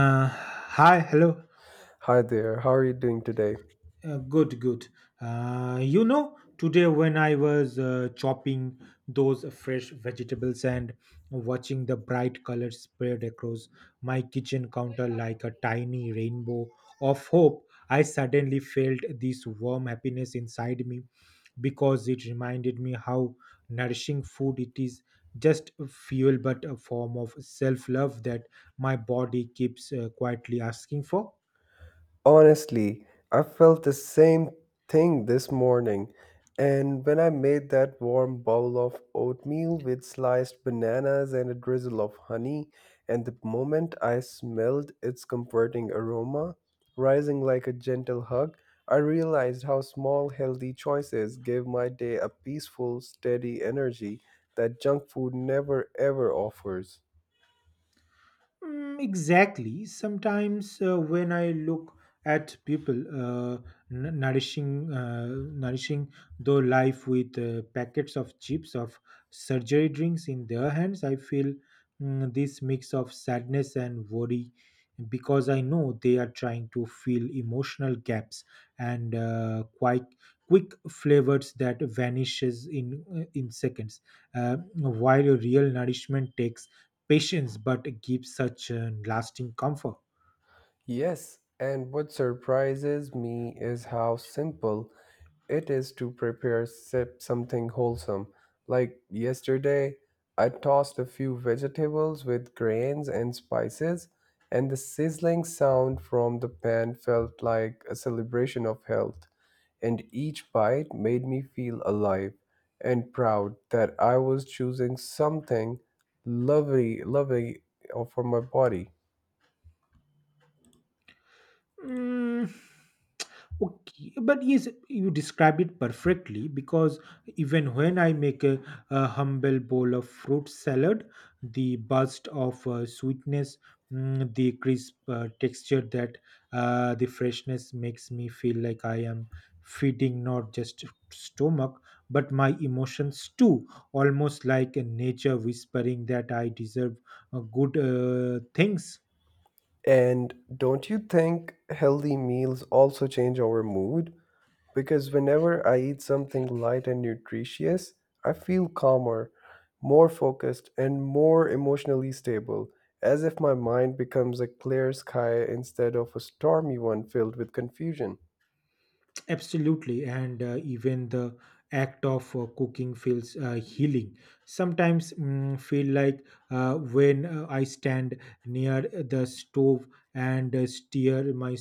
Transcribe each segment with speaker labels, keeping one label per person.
Speaker 1: Uh, Hi, hello.
Speaker 2: Hi there, how are you doing today?
Speaker 1: Good, good. Today when I was chopping those fresh vegetables and watching the bright colors spread across my kitchen counter like a tiny rainbow of hope, I suddenly felt this warm happiness inside me because it reminded me how nourishing food it is just fuel but a form of self love that my body keeps quietly asking for.
Speaker 2: Honestly, I felt the same thing this morning. And when I made that warm bowl of oatmeal with sliced bananas and a drizzle of honey, and the moment I smelled its comforting aroma, rising like a gentle hug, I realized how small, healthy choices gave my day a peaceful, steady energy that junk food never ever offers.
Speaker 1: Mm, exactly. Sometimes when I look at people nourishing their life with packets of chips of surgery drinks in their hands, I feel this mix of sadness and worry because I know they are trying to fill emotional gaps and quite quick flavors that vanishes in seconds, while real nourishment takes patience but gives such a lasting comfort.
Speaker 2: Yes, and what surprises me is how simple it is to prepare sip something wholesome. Like yesterday, I tossed a few vegetables with grains and spices, and the sizzling sound from the pan felt like a celebration of health. And each bite made me feel alive and proud that I was choosing something lovely for my body.
Speaker 1: Mm, okay, but yes, you describe it perfectly because even when I make a humble bowl of fruit salad, the burst of sweetness, mm, the crisp texture that the freshness makes me feel like I am feeding not just stomach but my emotions too, almost like a nature whispering that I deserve good things.
Speaker 2: And don't you think healthy meals also change our mood? Because whenever I eat something light and nutritious, I feel calmer, more focused, and more emotionally stable, as if my mind becomes a clear sky instead of a stormy one filled with confusion.
Speaker 1: Absolutely, and even the act of cooking feels healing. Sometimes mm, feel like when I stand near the stove and steer my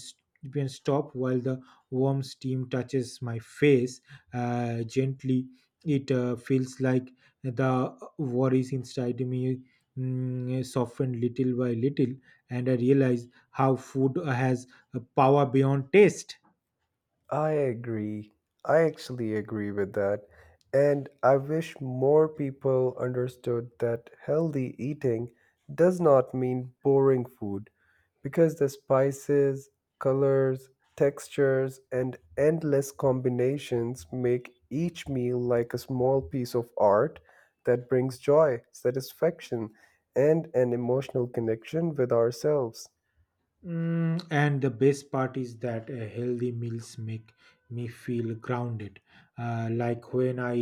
Speaker 1: pen stop while the warm steam touches my face gently. It feels like the worries inside me mm, soften little by little, and I realize how food has a power beyond taste.
Speaker 2: I agree. I actually agree with that. And I wish more people understood that healthy eating does not mean boring food because the spices, colors, textures, and endless combinations make each meal like a small piece of art that brings joy, satisfaction, and an emotional connection with ourselves.
Speaker 1: Mm, and the best part is that healthy meals make me feel grounded. Like when I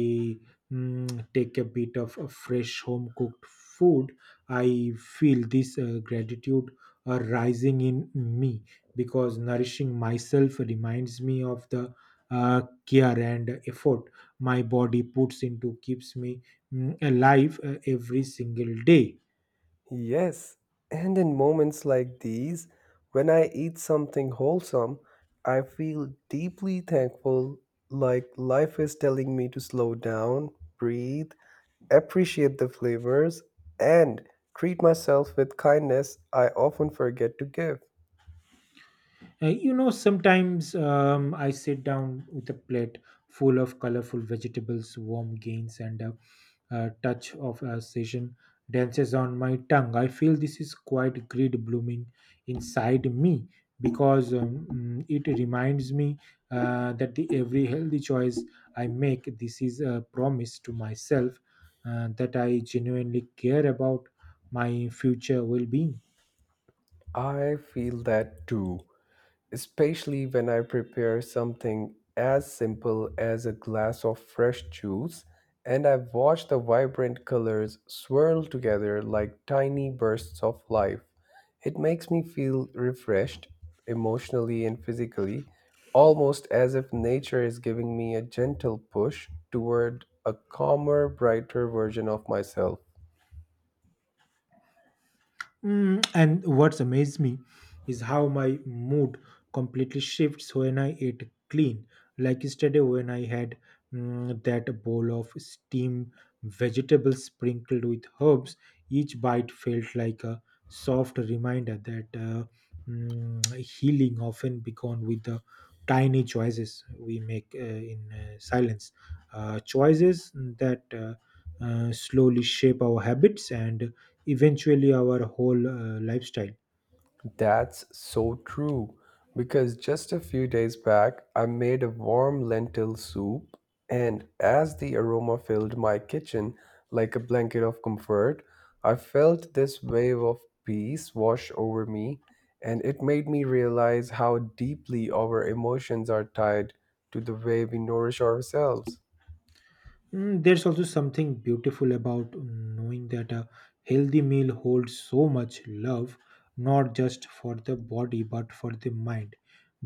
Speaker 1: mm, take a bit of fresh home cooked food, I feel this gratitude rising in me because nourishing myself reminds me of the care and effort my body puts into keeps me alive every single day.
Speaker 2: Yes, and in moments like these, when I eat something wholesome, I feel deeply thankful, like life is telling me to slow down, breathe, appreciate the flavors, and treat myself with kindness I often forget to give.
Speaker 1: Sometimes I sit down with a plate full of colorful vegetables, warm grains, and a touch of a session dances on my tongue. I feel this is quite greed blooming inside me because it reminds me that the every healthy choice I make, this is a promise to myself that I genuinely care about my future well-being.
Speaker 2: I feel that too, especially when I prepare something as simple as a glass of fresh juice and I watch the vibrant colors swirl together like tiny bursts of life. It makes me feel refreshed emotionally and physically, almost as if nature is giving me a gentle push toward a calmer, brighter version of myself.
Speaker 1: Mm, and what's amazed me is how my mood completely shifts when I eat clean. Like yesterday, when I had that bowl of steamed vegetables sprinkled with herbs, each bite felt like a soft reminder that healing often began with the tiny choices we make in silence. Choices that slowly shape our habits and eventually our whole lifestyle.
Speaker 2: That's so true because just a few days back I made a warm lentil soup, and as the aroma filled my kitchen like a blanket of comfort, I felt this wave of peace wash over me, and it made me realize how deeply our emotions are tied to the way we nourish ourselves.
Speaker 1: Mm, there's also something beautiful about knowing that a healthy meal holds so much love, not just for the body but for the mind.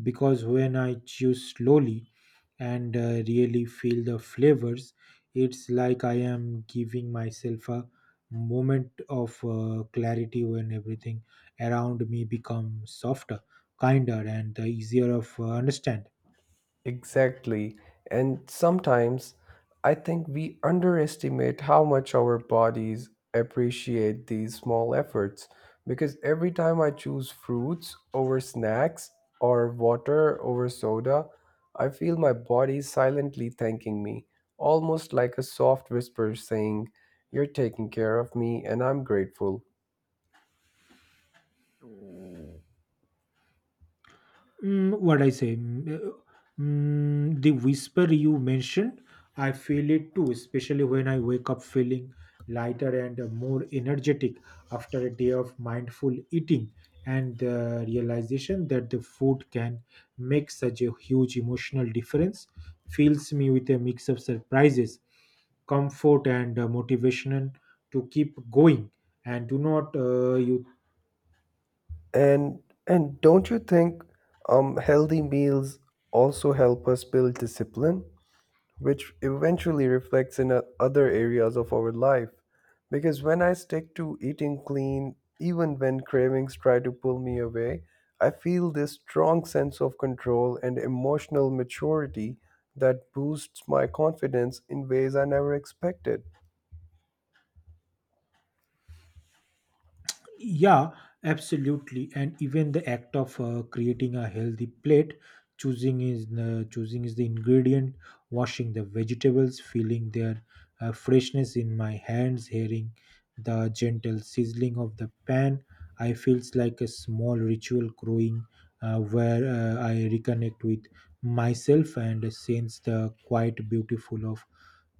Speaker 1: Because when I chew slowly and really feel the flavors, it's like I am giving myself a moment of clarity when everything around me becomes softer, kinder, and easier of understand.
Speaker 2: Exactly. And sometimes I think we underestimate how much our bodies appreciate these small efforts because every time I choose fruits over snacks or water over soda, I feel my body silently thanking me, almost like a soft whisper saying, You're taking care of me and I'm grateful.
Speaker 1: Mm, what I say, mm, mm, The whisper you mentioned, I feel it too, especially when I wake up feeling lighter and more energetic after a day of mindful eating and the realization that the food can make such a huge emotional difference fills me with a mix of surprises comfort and motivation to keep going and do not you
Speaker 2: And and don't you think healthy meals also help us build discipline, which eventually reflects in other areas of our life. Because when I stick to eating clean, even when cravings try to pull me away, I feel this strong sense of control and emotional maturity that boosts my confidence in ways I never expected.
Speaker 1: Yeah, absolutely. And even the act of creating a healthy plate, choosing is the ingredient, washing the vegetables, feeling their freshness in my hands, hearing the gentle sizzling of the pan, I feels like a small ritual growing where I reconnect with myself and sense the quite beautiful of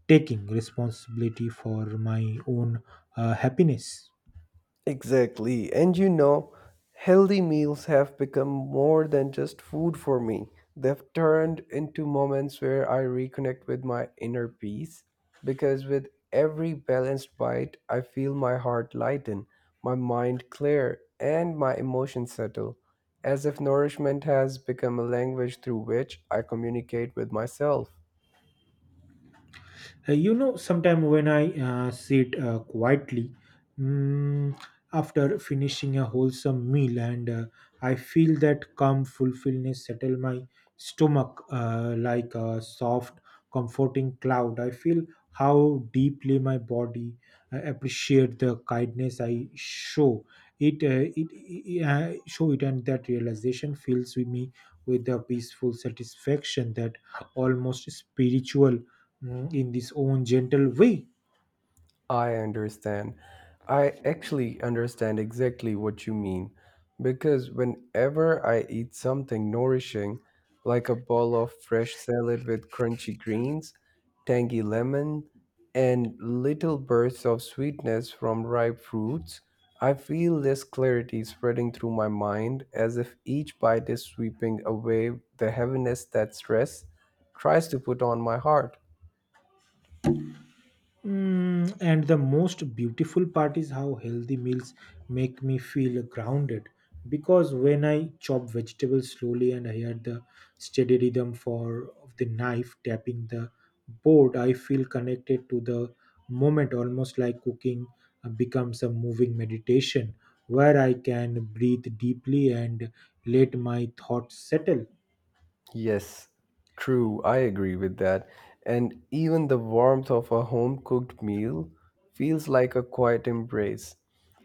Speaker 1: taking responsibility for my own happiness.
Speaker 2: Exactly. And you know, healthy meals have become more than just food for me. They've turned into moments where I reconnect with my inner peace because with every balanced bite, I feel my heart lighten, my mind clear, and my emotions settle, as if nourishment has become a language through which I communicate with myself.
Speaker 1: Sometime when I sit quietly mm, after finishing a wholesome meal, and I feel that calm fulfillment settle my stomach like a soft, comforting cloud. I feel how deeply my body appreciate the kindness I show it, it, it show it, and that realization fills with me with a peaceful satisfaction that almost spiritual mm, in this own gentle way.
Speaker 2: I understand. I actually understand exactly what you mean because whenever I eat something nourishing, like a bowl of fresh salad with crunchy greens, tangy lemon, and little bursts of sweetness from ripe fruits, I feel this clarity spreading through my mind as if each bite is sweeping away the heaviness that stress tries to put on my heart.
Speaker 1: Mm, and the most beautiful part is how healthy meals make me feel grounded because when I chop vegetables slowly and I hear the steady rhythm for of the knife tapping the board, I feel connected to the moment, almost like cooking becomes a moving meditation where I can breathe deeply and let my thoughts settle.
Speaker 2: Yes, true. I agree with that. And even the warmth of a home cooked meal feels like a quiet embrace,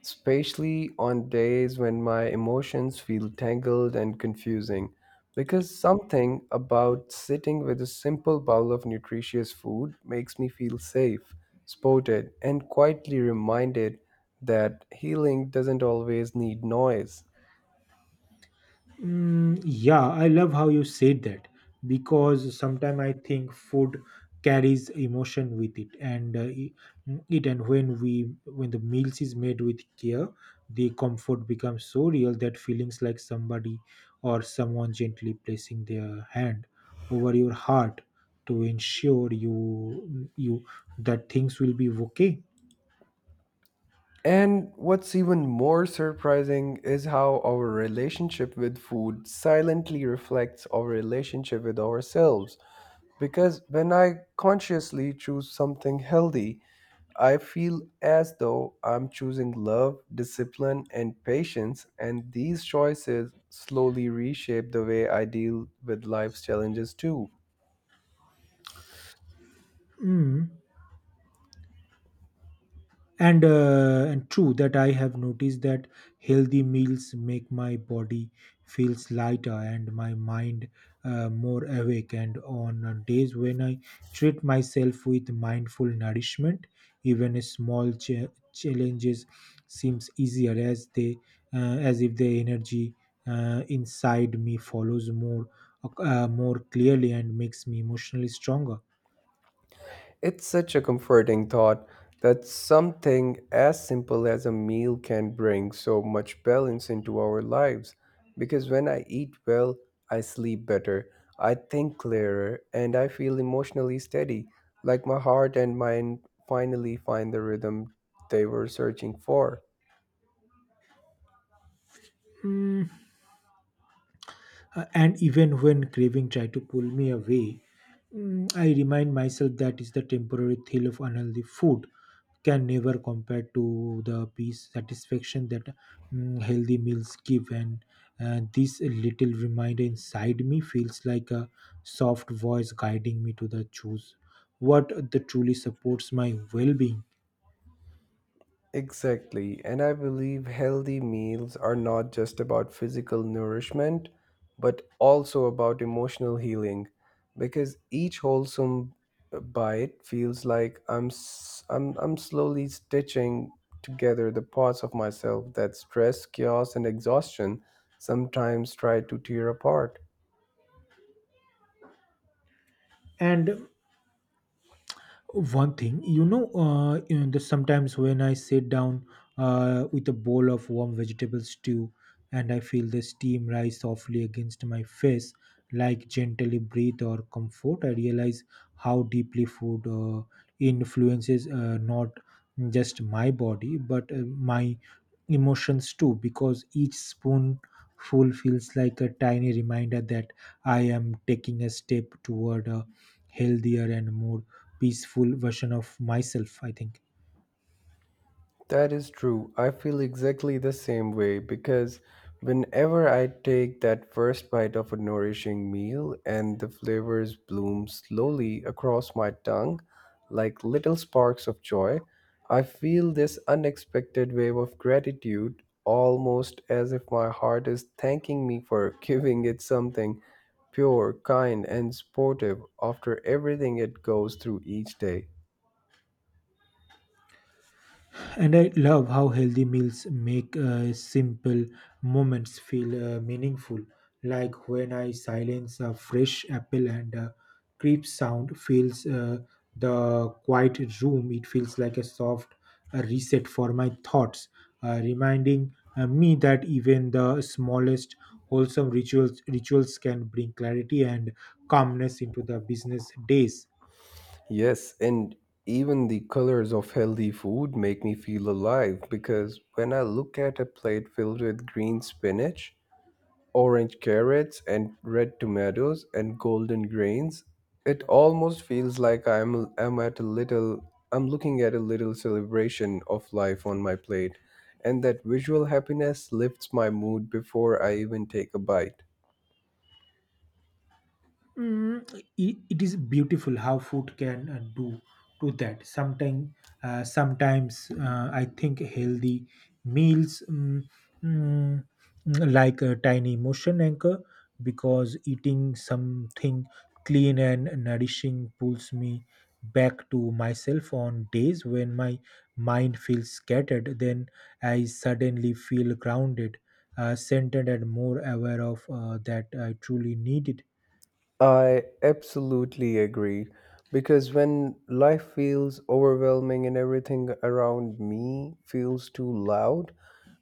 Speaker 2: especially on days when my emotions feel tangled and confusing. Because something about sitting with a simple bowl of nutritious food makes me feel safe, supported, and quietly reminded that healing doesn't always need noise.
Speaker 1: Mm, yeah, I love how you said that because sometimes I think food carries emotion with it, and when we when the meals is made with care, the comfort becomes so real that feelings like somebody or someone gently placing their hand over your heart to ensure you that things will be okay.
Speaker 2: And what's even more surprising is how our relationship with food silently reflects our relationship with ourselves. Because when I consciously choose something healthy, I feel as though I'm choosing love, discipline, and patience, and these choices slowly reshape the way I deal with life's challenges too.
Speaker 1: Mm. And true that I have noticed that healthy meals make my body feels lighter and my mind more awake and on days when I treat myself with mindful nourishment even a small challenges seems easier as they as if the energy inside me follows more clearly and makes me emotionally stronger
Speaker 2: It's such a comforting thought that something as simple as a meal can bring so much balance into our lives. Because when I eat well, I sleep better, I think clearer, and I feel emotionally steady, like my heart and mind finally find the rhythm they were searching for.
Speaker 1: Mm, and even when craving try to pull me away, I remind myself that is the temporary thrill of unhealthy food can never compare to the peace satisfaction that healthy meals give and this little reminder inside me feels like a soft voice guiding me to the choose what the truly supports my well-being
Speaker 2: Exactly, and I believe healthy meals are not just about physical nourishment, but also about emotional healing, because each wholesome bite feels like I'm s- I'm slowly stitching together the parts of myself that stress, chaos, and exhaustion sometimes try to tear apart.
Speaker 1: and one thing the sometimes when I sit down with a bowl of warm vegetable stew and I feel the steam rise softly against my face like gently breathe or comfort I realize how deeply food influences not just my body but my emotions too because each spoonful feels like a tiny reminder that I am taking a step toward a healthier and more peaceful version of myself I think
Speaker 2: That is true. I feel exactly the same way because whenever I take that first bite of a nourishing meal and the flavors bloom slowly across my tongue like little sparks of joy, I feel this unexpected wave of gratitude almost as if my heart is thanking me for giving it something pure, kind, and supportive after everything it goes through each day.
Speaker 1: and I love how healthy meals make simple moments feel meaningful like when I silence a fresh apple and a creep sound fills the quiet room it feels like a soft reset for my thoughts reminding me that even the smallest wholesome rituals can bring clarity and calmness into the business days
Speaker 2: Yes, and even the colors of healthy food make me feel alive because when I look at a plate filled with green spinach, orange carrots, and red tomatoes and golden grains, it almost feels like I'm looking at a little celebration of life on my plate, and that visual happiness lifts my mood before I even take a bite.
Speaker 1: Mm, it is beautiful how food can do to that. Sometimes, sometimes I think healthy meals mm, like a tiny motion anchor because eating something clean and nourishing pulls me back to myself on days when my mind feels scattered. Then I suddenly feel grounded, centered, and more aware of that I truly needed.
Speaker 2: I absolutely agree because when life feels overwhelming and everything around me feels too loud,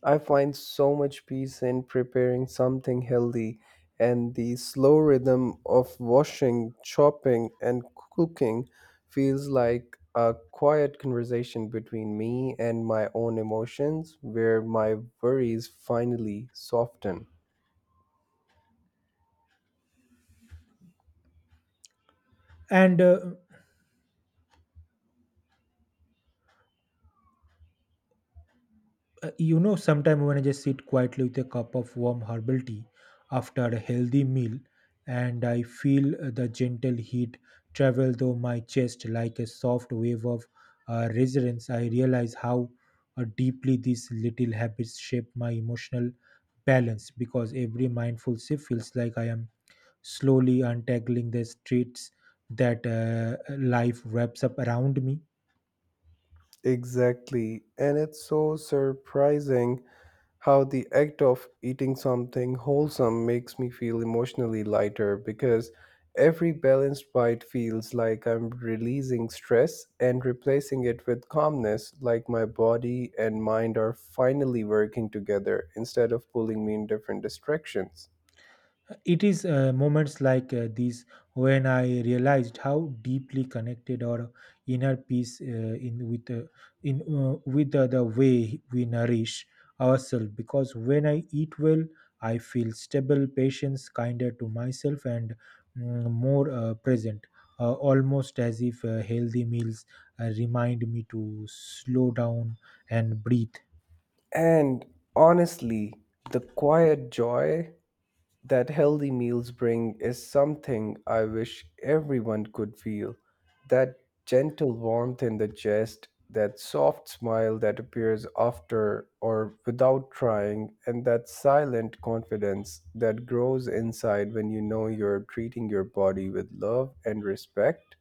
Speaker 2: I find so much peace in preparing something healthy and the slow rhythm of washing, chopping and cooking feels like a quiet conversation between me and my own emotions where my worries finally soften.
Speaker 1: And uh, Sometime when I just sit quietly with a cup of warm herbal tea after a healthy meal, and I feel the gentle heat travel through my chest like a soft wave of resilience, I realize how deeply these little habits shape my emotional balance because every mindful sip feels like I am slowly untangling the streets that life wraps up around me
Speaker 2: Exactly. And it's so surprising how the act of eating something wholesome makes me feel emotionally lighter because every balanced bite feels like I'm releasing stress and replacing it with calmness, like my body and mind are finally working together instead of pulling me in different directions.
Speaker 1: It is moments like these when I realized how deeply connected our inner peace in with the way we nourish ourselves. Because when I eat well, I feel stable, patience, kinder to myself, and mm, more present. Almost as if healthy meals remind me to slow down and breathe.
Speaker 2: And honestly, the quiet joy that healthy meals bring is something I wish everyone could feel. That gentle warmth in the chest, that soft smile that appears after or without trying, and that silent confidence that grows inside when you know you're treating your body with love and respect.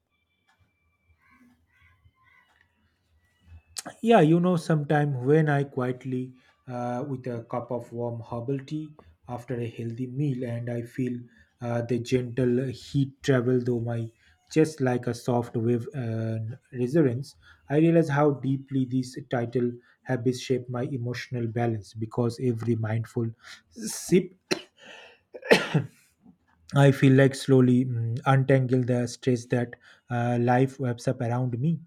Speaker 1: Yeah, you know, sometime when I quietly with a cup of warm herbal tea after a healthy meal, and I feel the gentle heat travel through my chest like a soft wave and resonance. I realize how deeply these title habits shape my emotional balance because every mindful sip, I feel like slowly untangle the stress that life wraps up around me.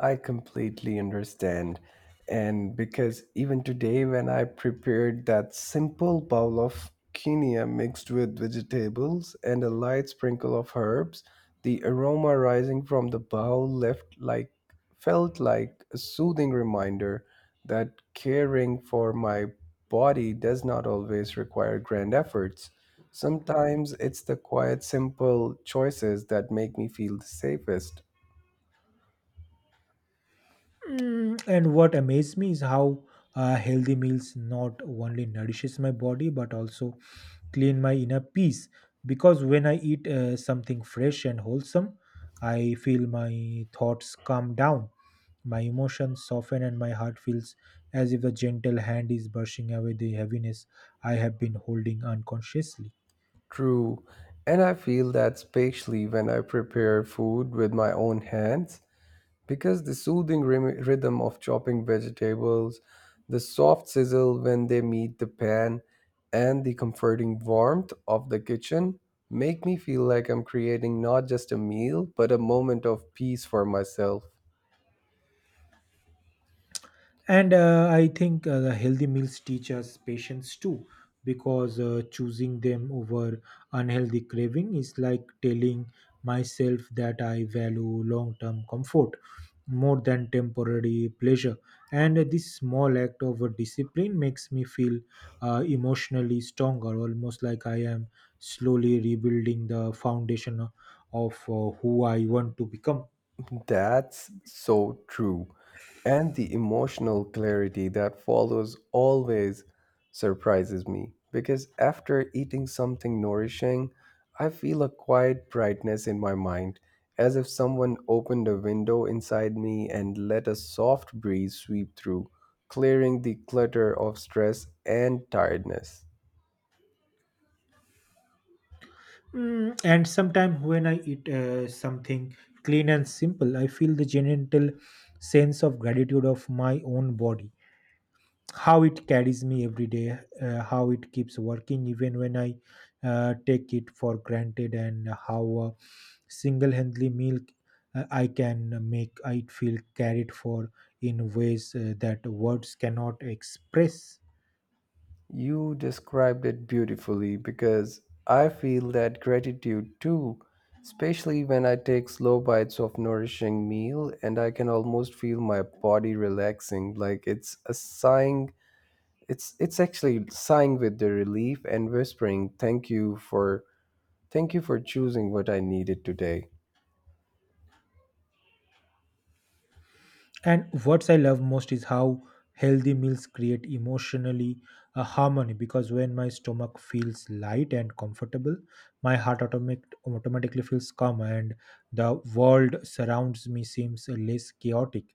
Speaker 2: I completely understand. And because even today, when I prepared that simple bowl of quinoa mixed with vegetables and a light sprinkle of herbs, the aroma rising from the bowl left like felt like a soothing reminder that caring for my body does not always require grand efforts. Sometimes it's the quiet, simple choices that make me feel the safest.
Speaker 1: Mm, and what amazed me is how healthy meals not only nourishes my body but also clean my inner peace. Because when I eat something fresh and wholesome, I feel my thoughts calm down, my emotions soften, and my heart feels as if a gentle hand is brushing away the heaviness I have been holding unconsciously.
Speaker 2: True. And I feel that especially when I prepare food with my own hands, because the soothing rhythm of chopping vegetables, the soft sizzle when they meet the pan, and the comforting warmth of the kitchen make me feel like I'm creating not just a meal, but a moment of peace for myself.
Speaker 1: And I think the healthy meals teach us patience too, because choosing them over unhealthy craving is like telling myself that I value long term comfort more than temporary pleasure. And this small act of discipline makes me feel emotionally stronger, almost like I am slowly rebuilding the foundation of who I want to become.
Speaker 2: That's so true. And the emotional clarity that follows always surprises me because after eating something nourishing, I feel a quiet brightness in my mind, as if someone opened a window inside me and let a soft breeze sweep through, clearing the clutter of stress and tiredness.
Speaker 1: Mm, and sometimes when I eat something clean and simple, I feel the gentle sense of gratitude of my own body, how it carries me every day, how it keeps working even when I take it for granted, and how a single-handedly meal I can make I feel carried for in ways that words cannot express.
Speaker 2: You described it beautifully because I feel that gratitude too, especially when I take slow bites of nourishing meal and I can almost feel my body relaxing like it's actually sighing with the relief and whispering thank you for choosing what I needed today.
Speaker 1: And what I love most is how healthy meals create emotionally a harmony because when my stomach feels light and comfortable, my heart automatically feels calm and the world surrounds me seems less chaotic.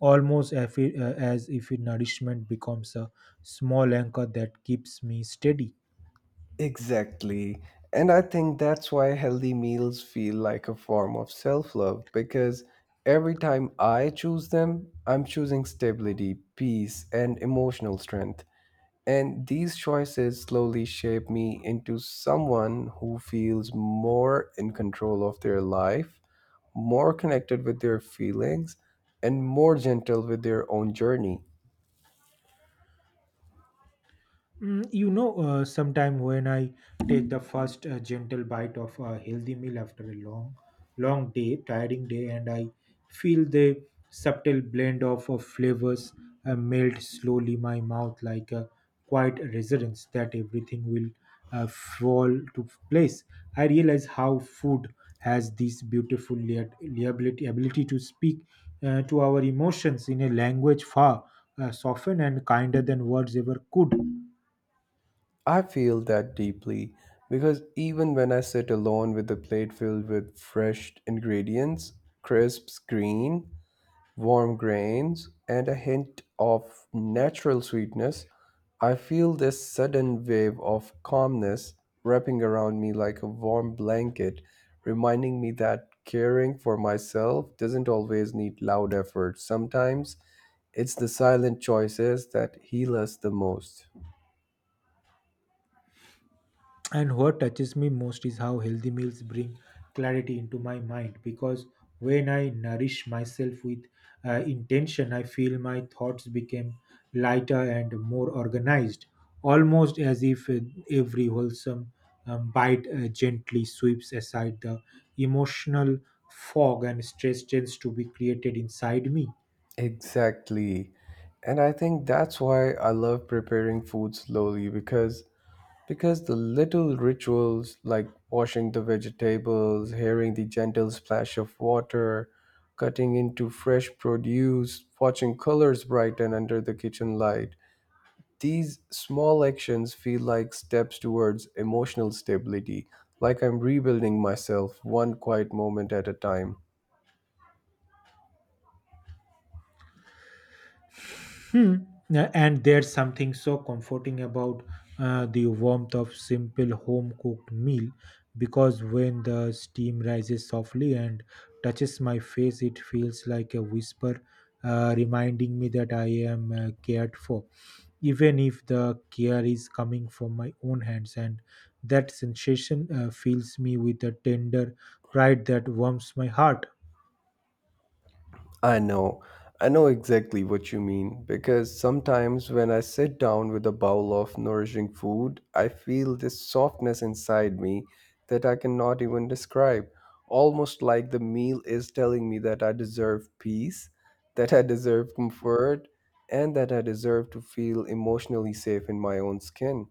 Speaker 1: Almost as if, as if nourishment becomes a small anchor that keeps me steady.
Speaker 2: Exactly. And I think that's why healthy meals feel like a form of self love because every time I choose them, I'm choosing stability, peace, and emotional strength. And these choices slowly shape me into someone who feels more in control of their life, more connected with their feelings, and more gentle with their own journey.
Speaker 1: Mm, you know, sometime when I take the first gentle bite of a healthy meal after a long, long day, tiring day, and I feel the subtle blend of flavors melt slowly my mouth like a quiet resonance that everything will fall to place. I realize how food has this beautiful liability ability to speak to our emotions in a language far softened and kinder than words ever could.
Speaker 2: I feel that deeply because even when I sit alone with a plate filled with fresh ingredients, crisp green, warm grains, and a hint of natural sweetness, I feel this sudden wave of calmness wrapping around me like a warm blanket, reminding me that caring for myself doesn't always need loud effort. Sometimes it's the silent choices that heal us the most.
Speaker 1: And what touches me most is how healthy meals bring clarity into my mind because when I nourish myself with intention, I feel my thoughts become lighter and more organized, almost as if every wholesome bite gently sweeps aside the emotional fog and stress tends to be created inside me.
Speaker 2: Exactly. And I think that's why I love preparing food slowly because the little rituals like washing the vegetables, hearing the gentle splash of water, cutting into fresh produce, watching colors brighten under the kitchen light, these small actions feel like steps towards emotional stability, like I'm rebuilding myself one quiet moment at a time.
Speaker 1: Hmm. And there's something so comforting about the warmth of simple home cooked meal because when the steam rises softly and touches my face, it feels like a whisper reminding me that I am cared for, even if the care is coming from my own hands. And that sensation fills me with a tender pride that warms my heart.
Speaker 2: I know. I know exactly what you mean because sometimes when I sit down with a bowl of nourishing food, I feel this softness inside me that I cannot even describe. Almost like the meal is telling me that I deserve peace, that I deserve comfort, and that I deserve to feel emotionally safe in my own skin.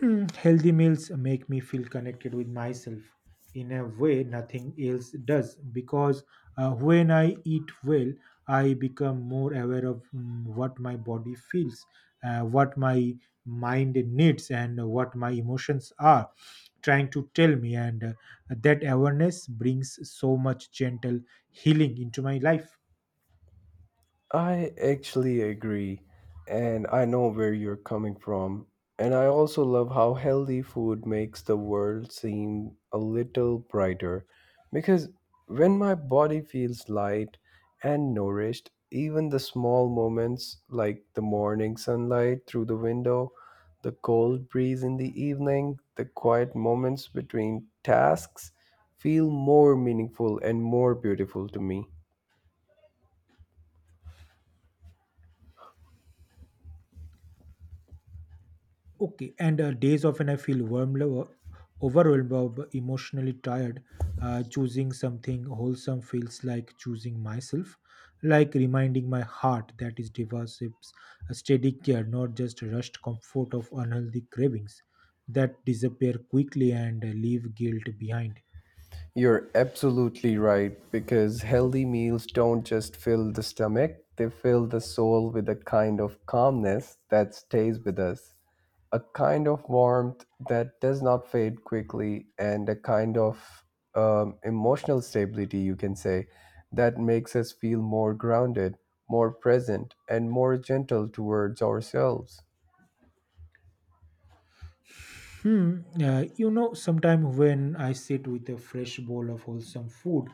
Speaker 1: Hmm, healthy meals make me feel connected with myself in a way nothing else does because when I eat well, I become more aware of what my body feels, what my mind needs, and what my emotions are trying to tell me. And that awareness brings so much gentle healing into my life.
Speaker 2: I actually agree, and I know where you're coming from. And I also love how healthy food makes the world seem a little brighter because when my body feels light and nourished, even the small moments like the morning sunlight through the window, the cold breeze in the evening, the quiet moments between tasks feel more meaningful and more beautiful to me.
Speaker 1: Okay, and days often I feel warm, overwhelmed, or emotionally tired. Choosing something wholesome feels like choosing myself, like reminding my heart that it develops a steady care, not just rushed comfort of unhealthy cravings that disappear quickly and leave guilt behind.
Speaker 2: You're absolutely right, because healthy meals don't just fill the stomach, they fill the soul with a kind of calmness that stays with us, a kind of warmth that does not fade quickly, and a kind of emotional stability, you can say, that makes us feel more grounded, more present, and more gentle towards ourselves.
Speaker 1: Hmm. You know, sometimes when I sit with a fresh bowl of wholesome food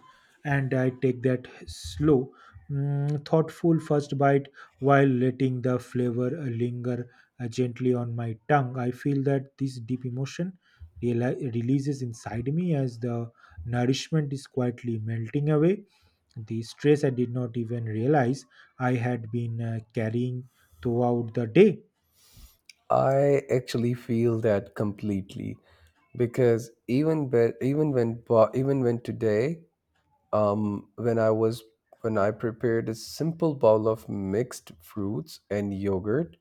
Speaker 1: and I take that slow, thoughtful first bite while letting the flavor linger gently on my tongue, I feel that this deep emotion releases inside me as the nourishment is quietly melting away. The stress I did not even realize I had been carrying throughout the day.
Speaker 2: I actually feel that completely because even but even when bo- even when today when I was when I prepared a simple bowl of mixed fruits and yogurt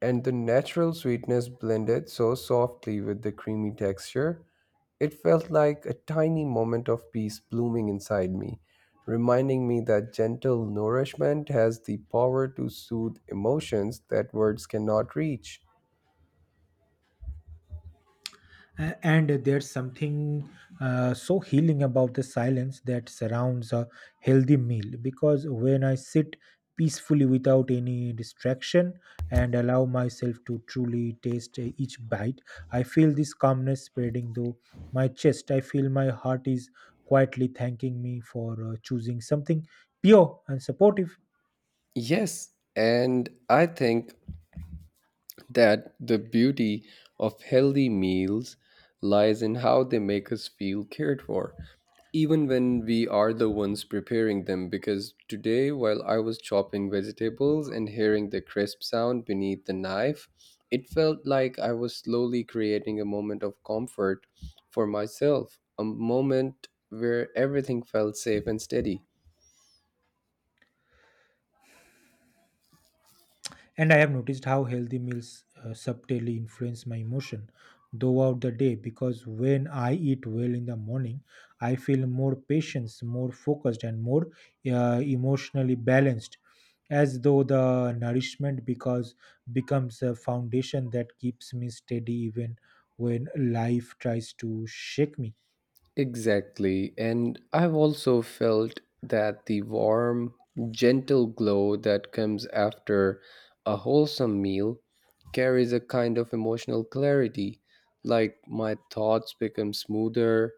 Speaker 2: and the natural sweetness blended so softly with the creamy texture, it felt like a tiny moment of peace blooming inside me, reminding me that gentle nourishment has the power to soothe emotions that words cannot reach.
Speaker 1: And there's something so healing about the silence that surrounds a healthy meal because when I sit peacefully without any distraction and allow myself to truly taste each bite I feel this calmness spreading through my chest I feel my heart is quietly thanking me for choosing something pure and supportive.
Speaker 2: Yes, and I think that the beauty of healthy meals lies in how they make us feel cared for, even when we are the ones preparing them. Because today, while I was chopping vegetables and hearing the crisp sound beneath the knife, it felt like I was slowly creating a moment of comfort for myself, a moment where everything felt safe and steady.
Speaker 1: And I have noticed how healthy meals subtly influence my emotion throughout the day because when I eat well in the morning, I feel more patient, more focused, and more emotionally balanced, as though the nourishment because becomes a foundation that keeps me steady even when life tries to shake me.
Speaker 2: Exactly. And I've also felt that the warm, gentle glow that comes after a wholesome meal carries a kind of emotional clarity. Like my thoughts become smoother,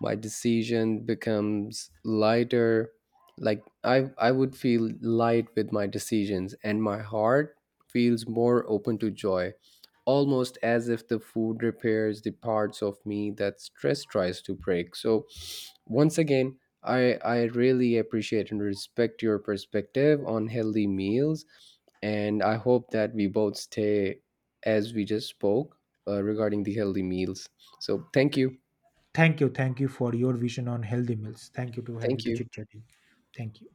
Speaker 2: my decision becomes lighter. Like I would feel light with my decisions, and my heart feels more open to joy almost as if the food repairs the parts of me that stress tries to break. So, once again, I really appreciate and respect your perspective on healthy meals. And I hope that we both stay as we just spoke regarding the healthy meals. So, thank you.
Speaker 1: Thank you for your vision on healthy meals. Thank you to have you
Speaker 2: Thank
Speaker 1: to
Speaker 2: you.
Speaker 1: chit chatting. Thank you.